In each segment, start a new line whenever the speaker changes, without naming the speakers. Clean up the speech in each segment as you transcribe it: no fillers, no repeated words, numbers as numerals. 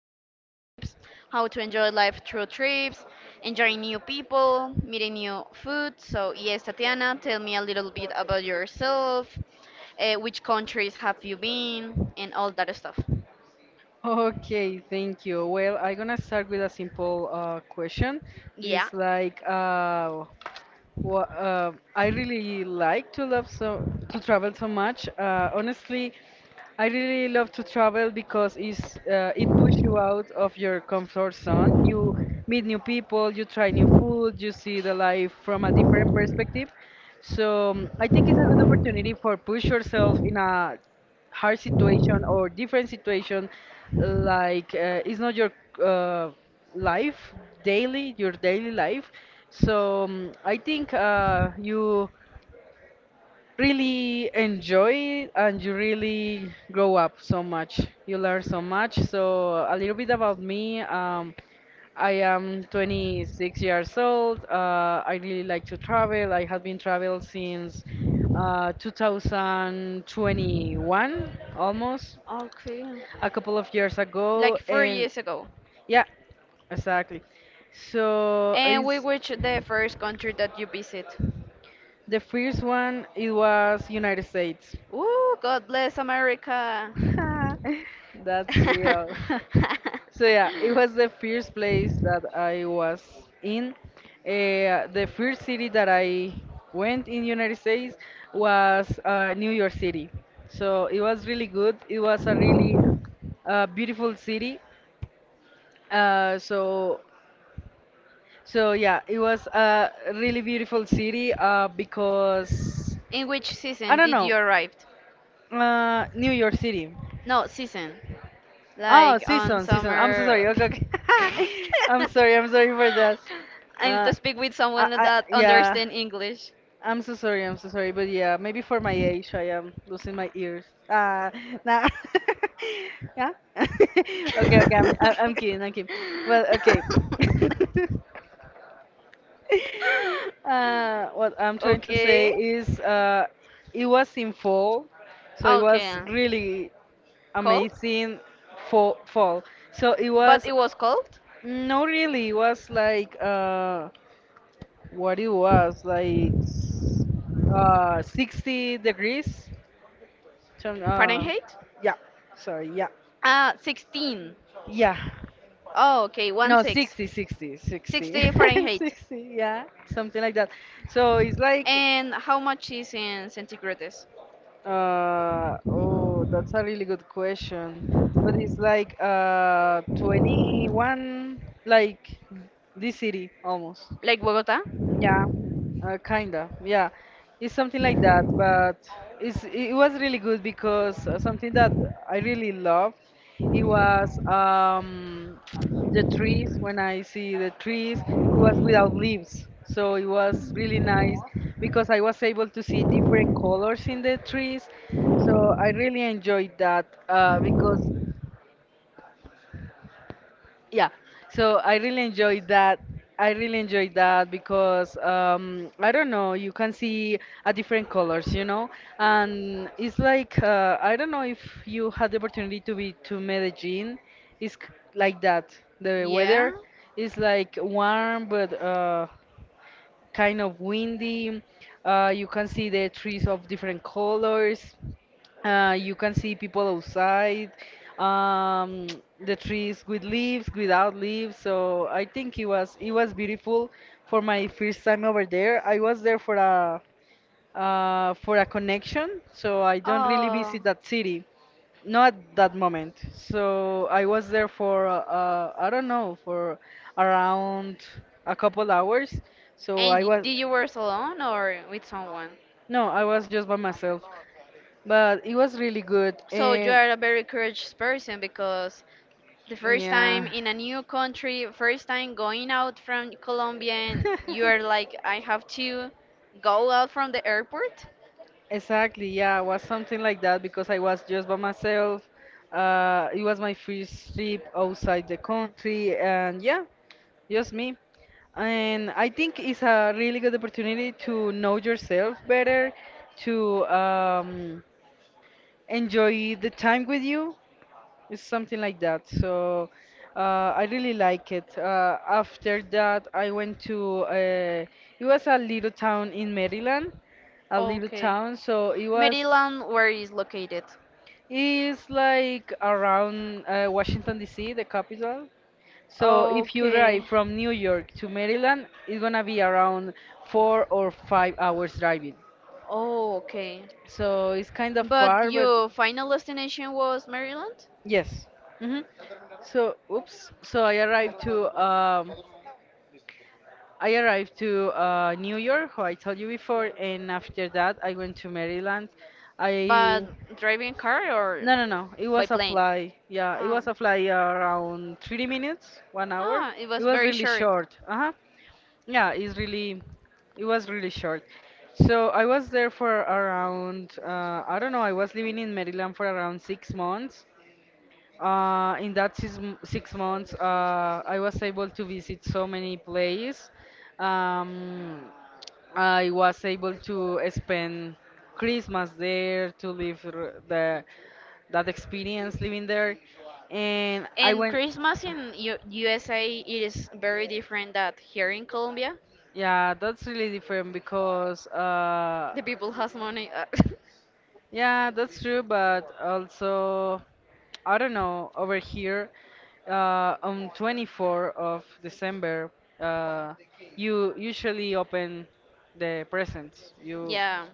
yeah, trips, how to enjoy life through trips, enjoying new people, meeting new food. So, yes, Tatiana, tell me a little bit about yourself, which countries have you been, and all that stuff.
Okay, thank you. Well, I'm gonna start with a simple question.
Yeah.
It's like, wha I really like to love so to travel so much. Honestly, I really love to travel because it pushes you out of your comfort zone. You meet new people, you try new food, you see the life from a different perspective. So I think it's a good opportunity for push yourself in a hard situation or different situation like it's not your uh, life daily your daily life, so I think you really enjoy it and you really grow up so much. You learn so much. So a little bit about me. I am 26 years old. I really like to travel. I have been travel since 2021 almost,
Okay.
a couple of years
Like
ago.
four
And
years ago.
yeah, exactly. So
And we
it's
which the first country that you visit?
the first one. It was United States.
Ooh, God bless America.
That's real. So yeah, it was the first place that I was in. The first city that I went in United States was New York City. So it was really good. It was a really beautiful city. Uh, so so yeah, it was a really beautiful city because
In which
I
season
don't
did
know.
you arrive?
New York City.
No, season.
Oh,
Like on
season, season. I'm so sorry.
summer.
Okay, okay. I'm sorry. I'm sorry for that.
I need
Uh,
to speak with someone that
yeah.
understand English.
I'm so sorry. I'm so sorry. But yeah, maybe for my age, I am losing my ears. Ah, nah. Yeah. Okay, okay. I'm kidding. I'm kidding. Well, okay. What I'm trying to say
Okay.
is, it was in fall, so it was
Okay.
really
Cold?
amazing. Fall, fall. So it
But
was,
it was cold?
no, really, it was like what it was like s- 60 degrees. some- Uh,
Fahrenheit?
yeah, sorry, yeah,
Ah, 16.
yeah.
Oh, okay, one
No,
six.
60, 60, 60,
60
60.
Fahrenheit.
Yeah, something like that. So it's like,
And how much is in centigrades?
oh, that's a really good question. But it's like 21, like this city almost.
Like Bogota?
Yeah, kinda. Yeah, it's something like that. But it was really good because something that I really loved. It was the trees. When I see the trees, it was without leaves, so it was really nice because I was able to see different colors in the trees. So I really enjoyed that because yeah so I really enjoyed that I really enjoyed that because I don't know, you can see a different colors, you know. And it's like, I don't know if you had the opportunity to be to medellin. It's like that the
Yeah.
weather is like warm but kind of windy. You can see the trees of different colors. You can see people outside. Um, the trees with leaves, without leaves. So I think it was beautiful for my first time over there. I was there for a connection, so I don't really
I
visit that city. Not at that moment. So I was there for I don't know, for around a couple hours. So
And
I
y- was did
was,
you know. Wear alone or with someone?
no, I was just by myself, but it was really good.
So you
And
are a very courageous person because the first time
yeah,
in a new country, first time going out from Colombia, and you are like, I have to go out from the airport.
exactly. Yeah, it was something like that because I was just by myself. It was my first trip outside the country, and yeah, just me. And I think it's a really good opportunity to know yourself better, to enjoy the time with you. It's something like that. So uh, I really like it. After that, I went to it was a little town in Maryland, a little
Okay.
town. So it was,
Maryland, where is located?
it's like around Washington D.C., the capital. So if you
Okay.
drive from New York to Maryland, it's gonna be around 4 or 5 hours driving.
Oh, okay.
So it's kind of
But
far, but
your final destination was Maryland?
yes. Hmm. So, oops. So I arrived to New York, who I told you before, and after that I went to Maryland.
But
I
driving car or
No, no, no, it
by
was a
plane?
fly. Yeah, it was
Um,
a fly around 30 minutes, 1 hour.
Ah, it
It
was
was
very
really
short.
short. Uh-huh. Yeah, it's really, it was really short. So I was there for around I don't know, I was living in Maryland for around 6 months. In that 6 months, I was able to visit so many places. Um, I was able to spend Christmas there, to live the that experience living there, and I
And
went.
Christmas in USA it is very different that here in Colombia.
Yeah, that's really different because
The people has money.
yeah, that's true, but also, I don't know, over here, on 24th of December, uh, you usually open the presents. You
Yeah.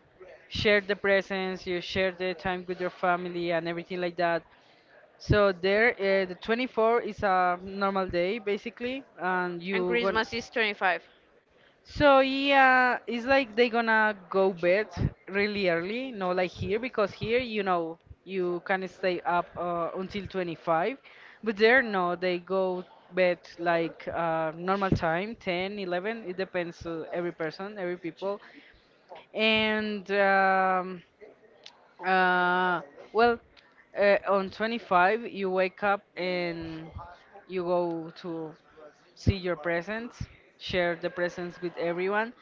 share the presents, you share the time with your family and everything like that. So there, the 24th is a normal day basically, and
And
you gonna,
Christmas is 25.
so yeah, it's like they gonna go bed really early, no like here because here you know you can stay up until 25th, but there no they go bed like normal time 10, 11. It depends to every person, every people, and uh, well, on 25th you wake up and you go to see your presents, share the presents with everyone.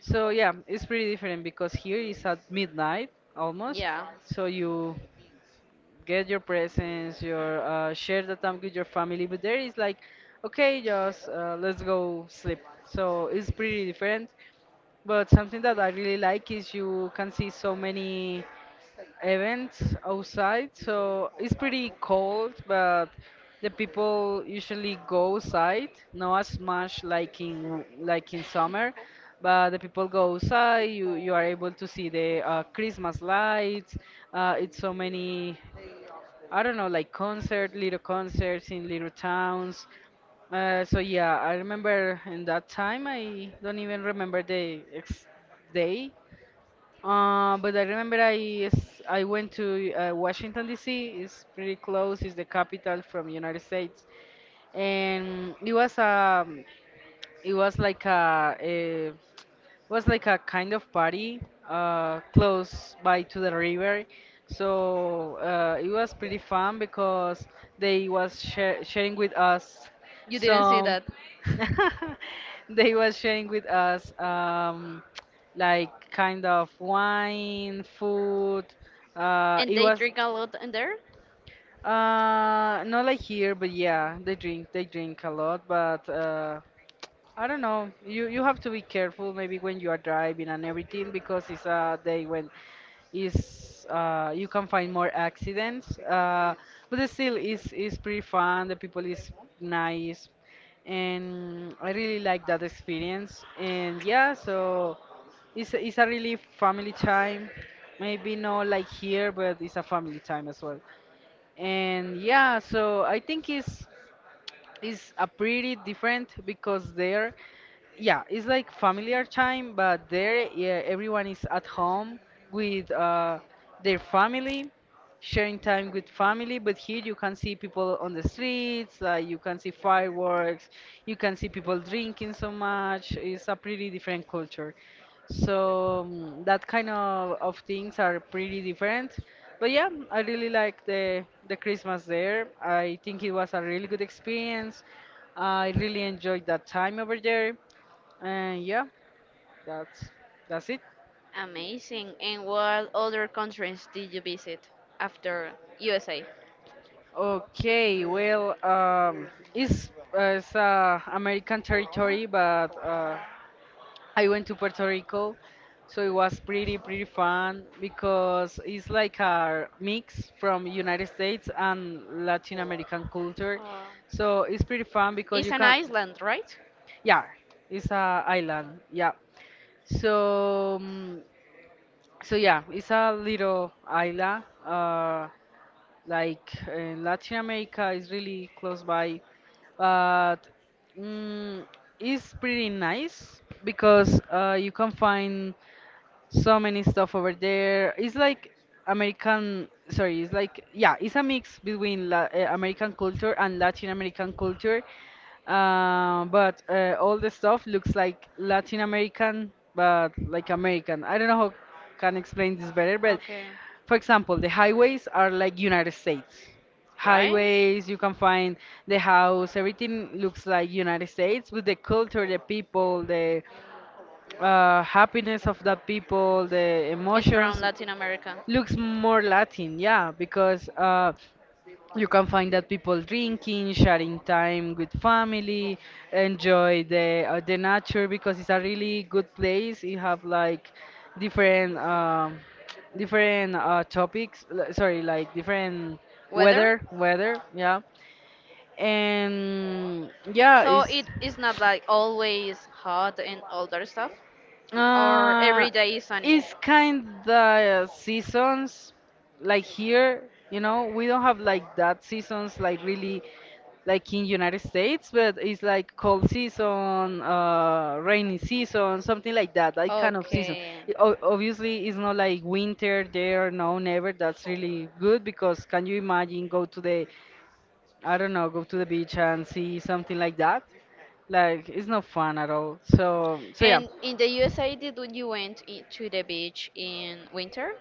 So yeah, it's pretty different because here it's at midnight almost.
Yeah.
So you get your presents, your share the time with your family, but there is like, okay, just let's go sleep. So it's pretty different. But something that I really like is you can see so many events outside, so it's pretty cold, but the people usually go outside, not as much like in summer, but the people go outside. You are able to see the Christmas lights. It's so many. I don't know, like concert, little concerts in little towns. So yeah, I remember in that time. I don't even remember the ex day, but I remember I went to Washington D.C. It's pretty close. It's the capital from United States, and it was it was like a, a like a kind of party close by to the river. So it was pretty fun because they was share sharing with us
You didn't see
some.
that.
They was sharing with us like kind of wine, food.
And
It
they
was
drink a lot in there?
uh, Not like here, but yeah, they drink a lot. But I don't know. You have to be careful maybe when you are driving and everything because it's a day when is you can find more accidents. But it's still, is pretty fun. The people is nice, and I really like that experience. And yeah, so it's a really family time. Maybe not like here, but it's a family time as well. And yeah, so I think it's is a pretty different because there, yeah, it's like familiar time, but there, yeah, everyone is at home with their family, sharing time with family, but here you can see people on the streets. You can see fireworks, you can see people drinking so much. It's a pretty different culture. So that kind of things are pretty different. But yeah, I really like the Christmas there. I think it was a really good experience. I really enjoyed that time over there. And yeah, that's that's it.
Amazing. And what other countries did you visit after USA?
Okay, well, it's American territory, but I went to Puerto Rico, so it was pretty fun because it's like a mix from United States and Latin American culture.
Uh,
So it's pretty fun because you
It's an
can,
island, right?
yeah, it's a island, yeah. So So yeah, it's a little island. Like in Latin America is really close by, but mm, it's pretty nice because you can find so many stuff over there. It's like American, sorry, it's like, yeah, it's a mix between La American culture and Latin American culture. But All the stuff looks like Latin American, but like American. I don't know how can explain this better, but
Okay.
for example, the highways are like United States.
Right?
Highways, you can find the house, everything looks like United States with the culture, the people, the happiness of that people, the
It's from
emotions
Latin America.
looks more Latin, yeah, because you can find that people drinking, sharing time with family, enjoy the nature because it's a really good place. You have like different different topics, sorry, like different
Weather?
weather, weather, yeah, and yeah,
So it
it's,
is not like always hot and all that stuff, or
Uh,
every day is sunny.
it's kinda seasons like here, you know, we don't have like that seasons like really like in United States, but it's like cold season, rainy season, something like that, that kind of season.
Okay.
Obviously, it's not like winter there, no, never. That's really good because can you imagine go to the, I don't know, go to the beach and see something like that? Like it's not fun at all. So yeah.
And in the USA, did you went to the beach in winter?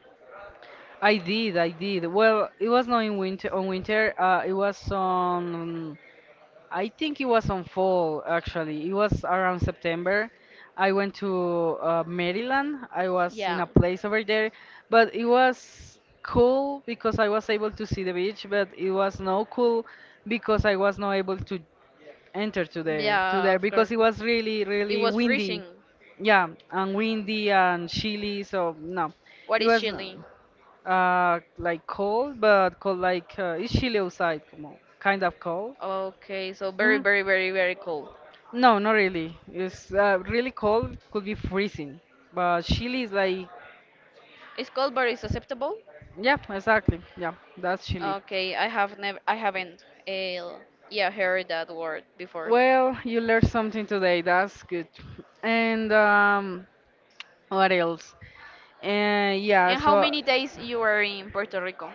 I did, I did. Well, it was not in winter. On winter, it was on. I think it was on fall. Actually, it was around September. I went to Maryland. I was in
Yeah.
a place over there, but it was cool because I was able to see the beach. But it was no cool because I was not able to enter to the to
Yeah,
there
of
because
course.
it was really
It
really
was
windy.
freezing.
Yeah, and windy and chilly. So no,
What
it
is
was.
chilly?
Like cold, but cold like it's chilly outside, como- kind of cold.
Okay, so very,
Hmm.
very, very, very cold.
No, not really. It's really cold, could be freezing. But chilly is like,
It's cold, but it's acceptable.
yeah, exactly. Yeah, that's chilly.
Okay, I haven't, yeah, heard that word before.
Well, you learned something today. That's good. And what else? Yeah,
And how
so
many days you were in Puerto Rico?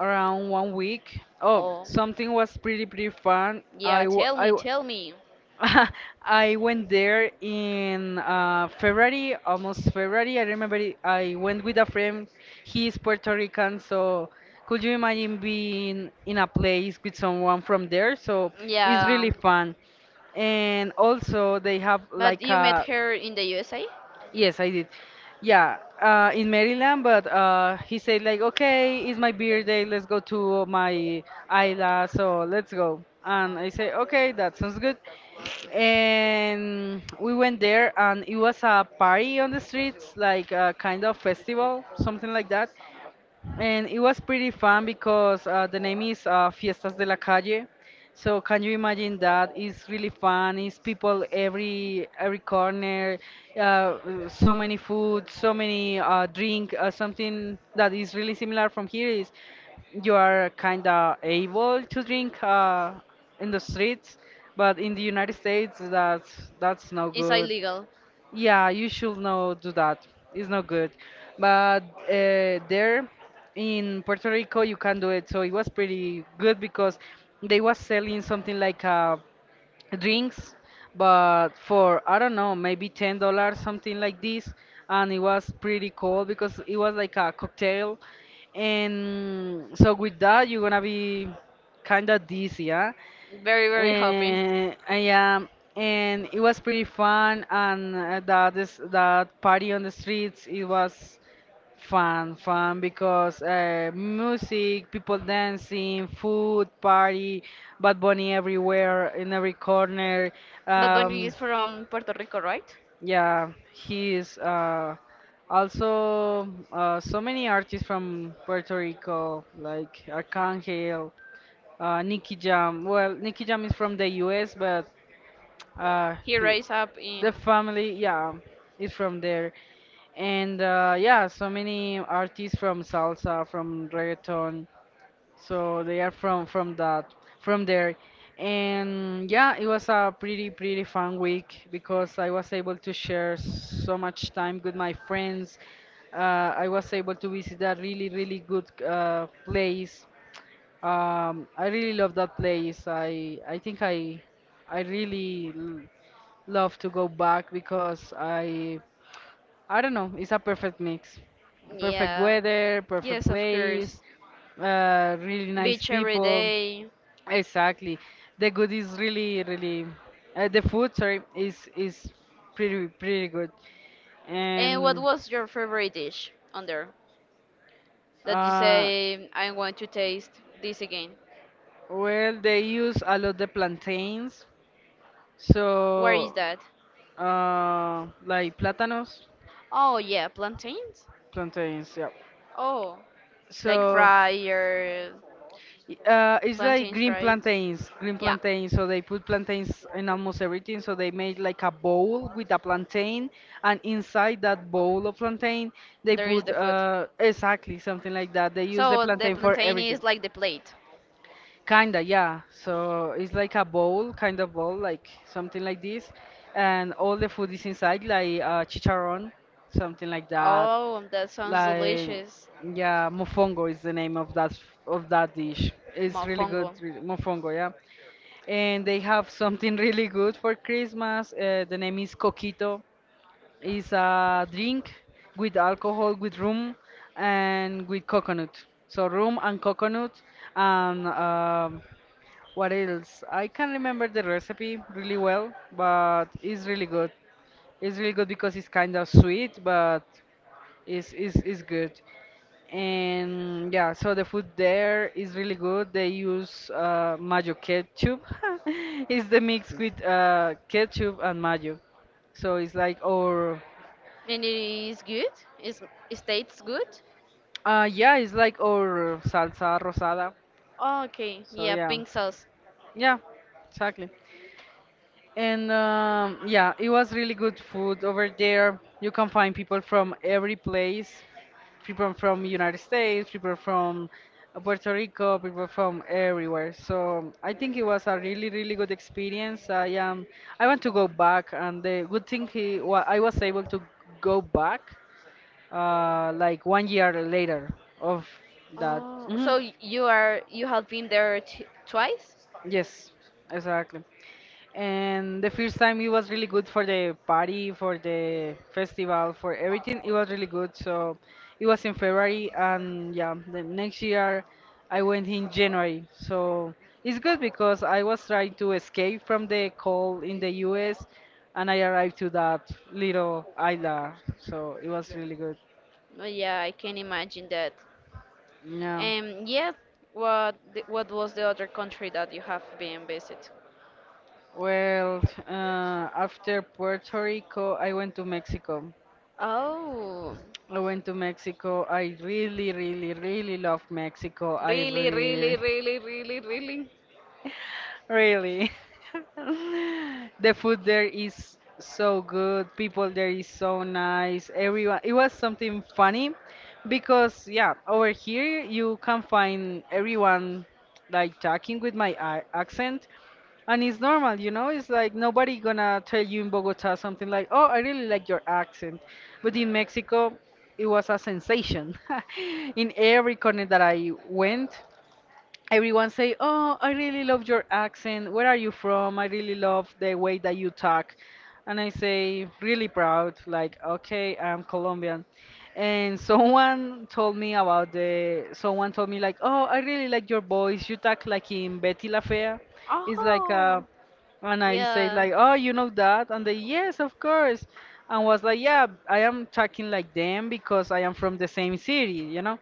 around 1 week. Oh,
Oh,
something was pretty fun.
yeah. Tell
I
me,
w
tell me.
I went there in February, almost February. I went with a friend. He is Puerto Rican, so could you imagine being in a place with someone from there? So it's
Yeah,
really fun. And also they have
but
like
you met
a
her in the USA?
yes, I did. Yeah, in Maryland, but he said like, okay, it's my birthday. Let's go to my isla. So let's go. And I say, okay, that sounds good. And we went there, and it was a party on the streets, like a kind of festival, something like that. And it was pretty fun because the name is Fiestas de la Calle. So can you imagine that? It's really fun. It's people every corner. So many food, so many drink. Something that is really similar from here is you are kind of able to drink in the streets, but in the United States, that's no
It's
good.
illegal.
Yeah, you should not do that. It's not good. But there in Puerto Rico, you can do it. So it was pretty good because they was selling something like drinks, but for I don't know, maybe $10, something like this. And it was pretty cool because it was like a cocktail. And so with that, you're gonna be kind of dizzy, huh?
Very, very happy.
And I am, and it was pretty fun. And that is that party on the streets. It was fun, fun because music, people dancing, food, party, Bad Bunny everywhere in every corner.
But Bunny
Um,
is from Puerto Rico, right?
yeah, he's also so many artists from Puerto Rico like Arcangel. Nicky Jam. Well, Nicky Jam is from the US, but uh
He
he,
raised up
the
in.
family, yeah, is from there. And yeah, so many artists from salsa, from reggaeton, so they are from that, from there. And yeah, it was a pretty fun week because I was able to share so much time with my friends. uh, I was able to visit a really good place. I really love that place. I think I love to go back because I don't know, it's a perfect mix. Perfect
Yeah.
weather, perfect
Yes, of
place,
course.
really nice
Beach every
people.
day.
Exactly. The good is really the food, sorry, is pretty good.
And what
And
was your favorite dish on there that you
uh
say, I want to taste this again?
well, they use a lot the plantains.
Where is
So
that?
like platanos,
Oh, yeah, plantains?
plantains, yeah.
Oh, like
So
fry or
It's like
plantains
green
fried?
plantains, green
Yeah.
plantains. So they put plantains in almost everything. So they made like a bowl with a plantain, and inside that bowl of plantain, they
There is
put
the food.
exactly something like that. They use the
So the
plantain for
plantain
everything.
is like the plate.
Kinda, yeah. So it's like a bowl, kind of bowl, like something like this, and all the food is inside, like chicharron, something like that.
Oh, that sounds
Like,
delicious.
yeah, mofongo is the name of that dish. It's really good,
Mofongo.
really, mofongo, yeah. And they have something really good for Christmas. The name is coquito. It's a drink with alcohol, with rum, and with coconut. So rum and coconut, and what else? I can't remember the recipe really well, but it's really good. It's really good because it's kind of sweet, but it's good. And yeah, so the food there is really good. They use mayo ketchup. It's the mix with ketchup and mayo. So it's like our,
And it is good? Is it tastes good?
yeah, it's like our salsa rosada.
Oh, okay,
So
yeah,
yeah,
pink sauce.
yeah, exactly. And yeah, it was really good food over there. You can find people from every place, people from United States, people from Puerto Rico, people from everywhere. So I think it was a really, really good experience. I want to go back, and the good thing he, wa I was able to go back, like 1 year later of that.
Oh,
Hmm.
so you have been there t twice?
Yes, exactly. And the first time it was really good for the party, for the festival, for everything. It was really good. So it was in February, and yeah, the next year I went in January. So it's good because I was trying to escape from the cold in the US, and I arrived to that little island. So it was really good.
Oh, yeah, I can imagine that.
Yeah.
And yeah, what was the other country that you have been visit?
Well, after Puerto Rico, I went to Mexico.
Oh,
I went to Mexico. I really, really, really love Mexico. I
really, really,
really,
really, really, really.
really. The food there is so good. People there is so nice. Everyone. It was something funny because, yeah, over here you can find everyone like talking with my accent, and it's normal, you know, it's like nobody gonna tell you in Bogota something like, "Oh, I really like your accent." But in Mexico, it was a sensation. In every corner that I went, everyone say, "Oh, I really love your accent. Where are you from? I really love the way that you talk." And I say, really proud, like, "Okay, I'm Colombian." And someone told me like, "Oh, I really like your voice. You talk like in Betty La Fea." It's like
Oh,
a and I say
yeah.
like, "Oh, you know that?" And they, "Yes, of course." And was like, "Yeah, I am talking like them because I am from the same city, you know?"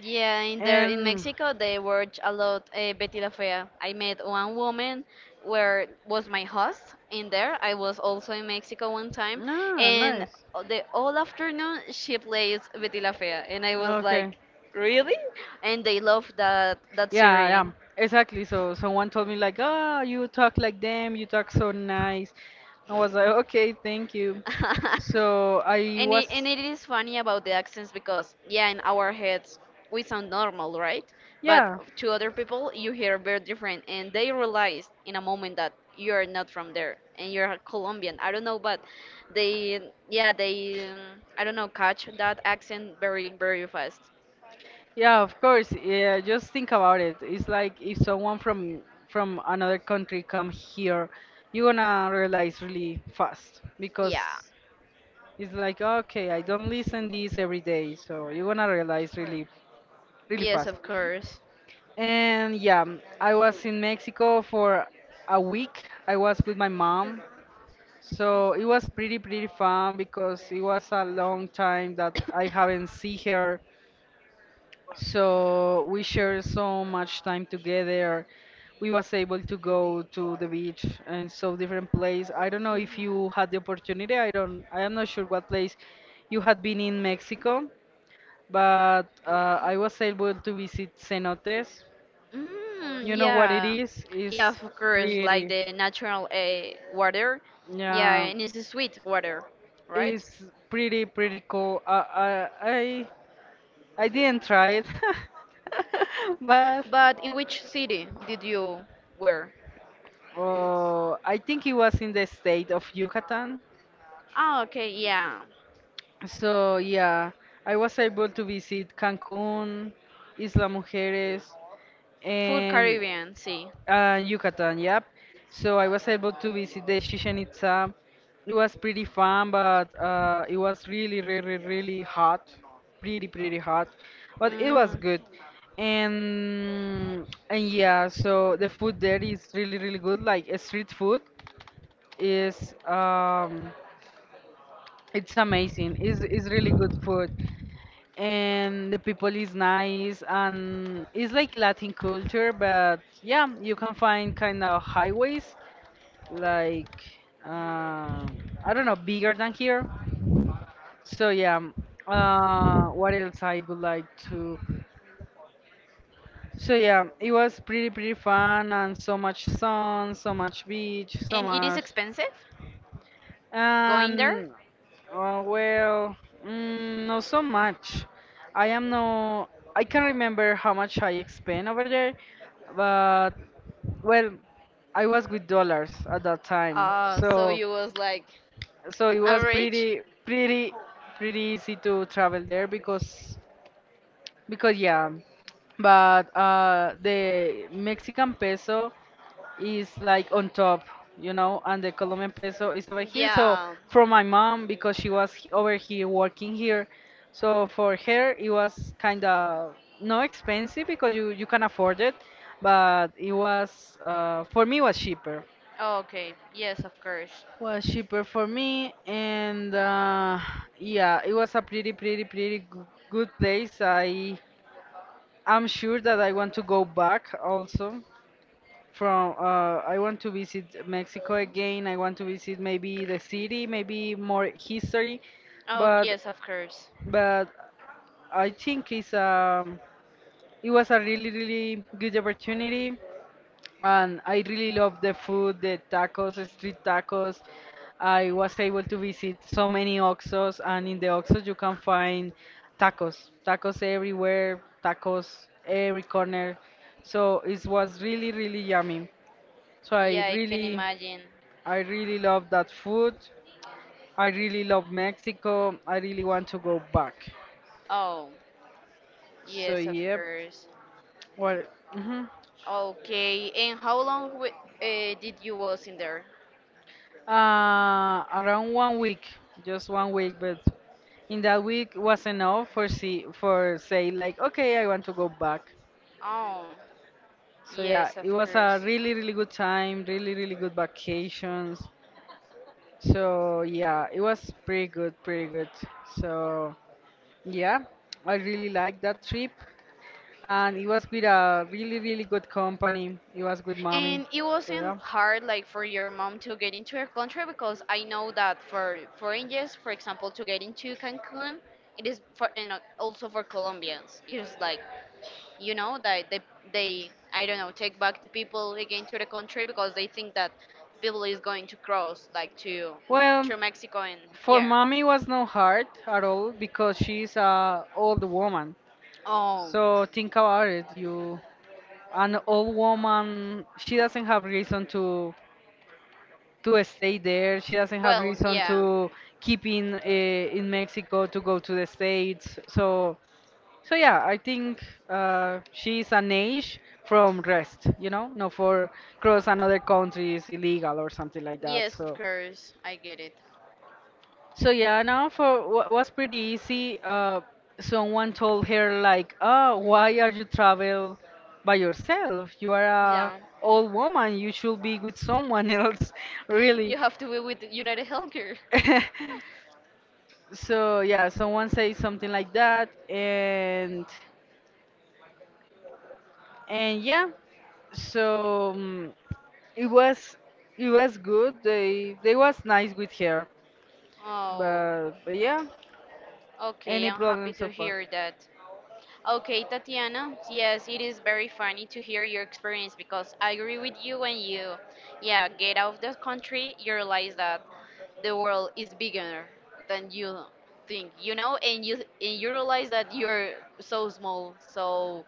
Yeah, in there in
And
Mexico they watch a lot Betty La Fea. I met one woman where was my host in there. I was also in Mexico one time,
ah,
and
nice.
the all afternoon she plays Betty La Fea, and I was
Okay.
like, really? And they love that
Yeah, yeah.
series.
Exactly. So someone told me like, "Ah, you talk like them. You talk so nice." I was like, "Okay, thank you." So I
And
was
it, and it is funny about the accents because, yeah, in our heads we sound normal, right? But
yeah,
to other people, you hear very different, and they realize in a moment that you're not from there and you're Colombian. I don't know, but they, yeah, I don't know, catch that accent very, very fast.
yeah, of course. Yeah, just think about it. It's like if someone from another country come here, you're gonna realize really fast because
Yeah.
it's like, okay, I don't listen this every day, so you're gonna realize really, really
Yes,
fast.
of course.
And yeah, I was in Mexico for a week. I was with my mom, so it was pretty, pretty fun because it was a long time that I haven't seen her. So we shared so much time together. We was able to go to the beach and so different place. I don't know if
Mhm.
you had the opportunity. I don't. I am not sure what place you had been in Mexico. But I was able to visit cenotes.
Mm,
You know what it
yeah,
is?
yeah, of
It's
course, like
pretty.
the natural water. Yeah,
Yeah,
and it's a sweet water, right?
it's pretty cool. I didn't try it, but
But in which city did you wear?
oh, I think it was in the state of Yucatan.
Ah, okay, yeah.
So yeah, I was able to visit Cancun, Isla Mujeres,
Food
and
Caribbean, see.
And Yucatan, yep. So I was able to visit the Chichen Itza. It was pretty fun, but it was really, really, really hot. Pretty, pretty hot. But it was
Mm.
good. And yeah, so the food there is really, really good. Like street food is it's amazing. It's really good food. And the people is nice and it's like Latin culture, but yeah, you can find kind of highways like um, I don't know, bigger than here. So yeah, what else I would like to? So yeah, it was pretty fun and so much sun, so much beach, so
And it is
much
expensive going there?
and well, not so much. I am no, I can't remember how much I spent over there, but well, I was with dollars at that time,
Ah, so
so.
you was like,
So it
I'm
was
rich?
pretty easy to travel there because yeah. But the Mexican peso is like on top, you know, and the Colombian peso is over here, so
Yeah.
for my mom, because she was over here working here, so for her it was kind of no expensive because you can afford it. But it was for me it was cheaper,
Oh, okay. Yes, of course.
was cheaper for me. And yeah, it was a good place. I'm sure that I want to go back also. From I want to visit Mexico again. I want to visit maybe the city, maybe more history.
Oh,
But
yes, of course.
but I think it's it was a really good opportunity. And I really love the food, the tacos, the street tacos. I was able to visit so many Oxos, and in the Oxos you can find tacos, tacos everywhere, tacos every corner. So it was really, really yummy. So
Yeah, I can imagine.
I really love that food. I really love Mexico. I really want to go back.
Oh,
So
yes, of
yep.
course.
Well, mhm.
Okay, and how long w did you was in there?
Around 1 week, just 1 week, but in that week was enough for see for say like, okay, I want to go back.
Oh,
So yeah,
yes,
it
of
was a
course.
really good time, really good vacations. So yeah, it was pretty good, pretty good. So yeah, I really liked that trip, and it was with a really good company. It was with mommy.
And it
So
wasn't
yeah.
hard, like, for your mom to get into your country because I know that for foreigners, for example, to get into Cancun, it is for and also for Colombians. It is like, that they, I don't know, take back the people again to the country because they think that people is going to cross like to
Well,
to Mexico and
for
yeah.
mommy was no hard at all because she's a old woman.
Oh.
So think about it. You, an old woman, she doesn't have reason to stay there. She doesn't have
Well,
reason
yeah.
to keep in Mexico to go to the States. So so yeah, I think she's an age from rest, you know, not for cross another country is illegal or something like that.
Yes, of
So
course. I get it.
so yeah, now for was pretty easy. Someone told her like, "Oh, why are you travel by yourself? You are a
Yeah.
old woman. You should be with someone else."
You
Really.
have to be with United Healthcare.
So yeah, someone says something like that, and yeah, so it was it was good. They was nice with her,
Oh,
but yeah,
okay.
any
I'm
problem
happy
so
to
far?
hear that. Okay, Tatiana. Yes, it is very funny to hear your experience because I agree with you. When you, yeah, get out of the country, you realize that the world is bigger than you think, and you realize that you're so small. So,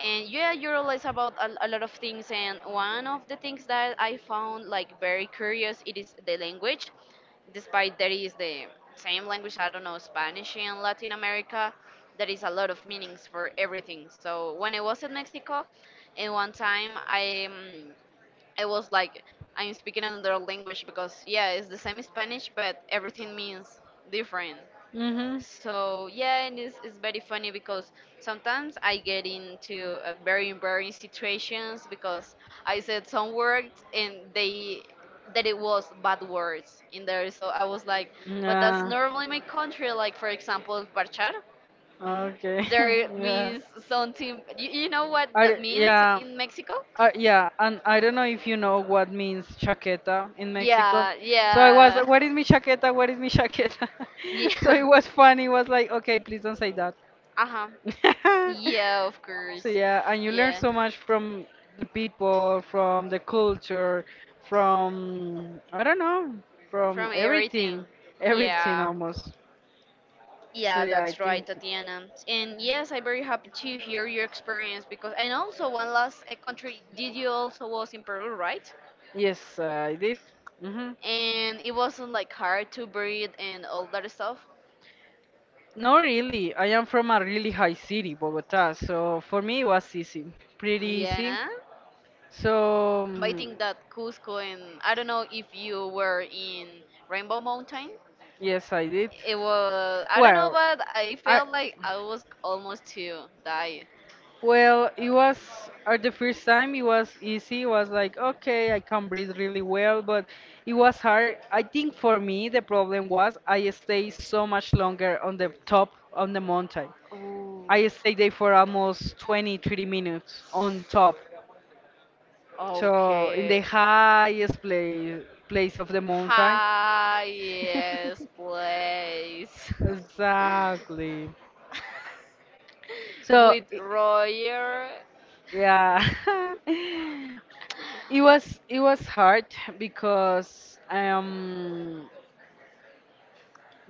and yeah, you realize about a lot of things, and one of the things that I found, like, very curious, it is the language. Despite there is the same language, I don't know, Spanish in Latin America, there is a lot of meanings for everything. So when I was in Mexico, and one time it was like I'm speaking another language because yeah, it's the same Spanish, but everything means different.
Mm-hmm.
So yeah, and it's very funny because sometimes I get into very embarrassing situations because I said some words and they that it was bad words in there. So I was like, but that's
Yeah.
normally my country. Like for example, parchar,
Okay.
there
Yeah.
means something. You know what
I,
that means
yeah.
in Mexico?
Yeah, and I don't know if you know what means chaqueta in Mexico.
Yeah,
So I was, like,
yeah.
what is mi chaqueta? What is mi chaqueta?
Yeah.
So it was funny. It was like, okay, please don't say that.
Uh-huh. Yeah, of
So
course.
yeah, and you learn
Yeah.
so much from the people, from the culture, from I don't know, from
From everything.
everything, everything
Yeah.
almost. So
Yeah,
yeah, I
that's right,
think.
Tatiana. And yes, I'm very happy to hear your experience because, and also one last country, did you also was in Peru, right?
Yes, I did. Hmm.
And it wasn't like hard to breathe and all that stuff.
No, really. I am from a really high city, Bogota, so for me it was easy, pretty easy.
Yeah.
So,
But I think that Cusco and I don't know if you were in Rainbow Mountain.
yes, I did.
It was, I don't know,
Well,
but I
I
felt like I was almost to die.
it was at the first time it was easy. It was like, okay, I can breathe really well, but it was hard. I think for me the problem was I stayed so much longer on the top on the mountain.
Oh,
I stayed there for almost 20, 30 minutes on top. So in the
okay.
highest place of the mountain.
Highest place.
Exactly. So
With
i-
Royer,
yeah, it was hard because um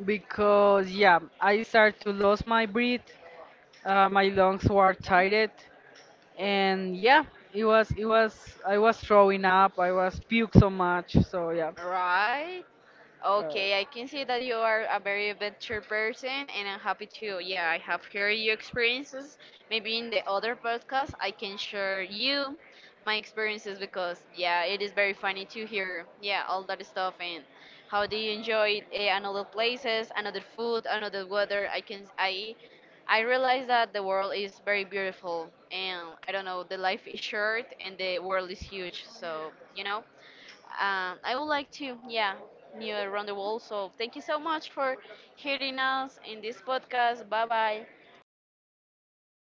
because yeah, I started to lose my breath, my lungs were tired, and yeah, it was I was throwing up, I was puke so much, so yeah.
right?
Uh,
Okay, I can see that you are a very adventure person, and I'm happy to. Yeah, I have heard your experiences. Maybe in the other podcast, I can share you my experiences because yeah, it is very funny to hear yeah all that stuff and how do you enjoy another places, another food, another weather. I can I realize that the world is very beautiful, and I don't know, the life is short and the world is huge. So you know. I would like to, yeah, new around the world. So thank you so much for hearing us in this podcast. Bye bye.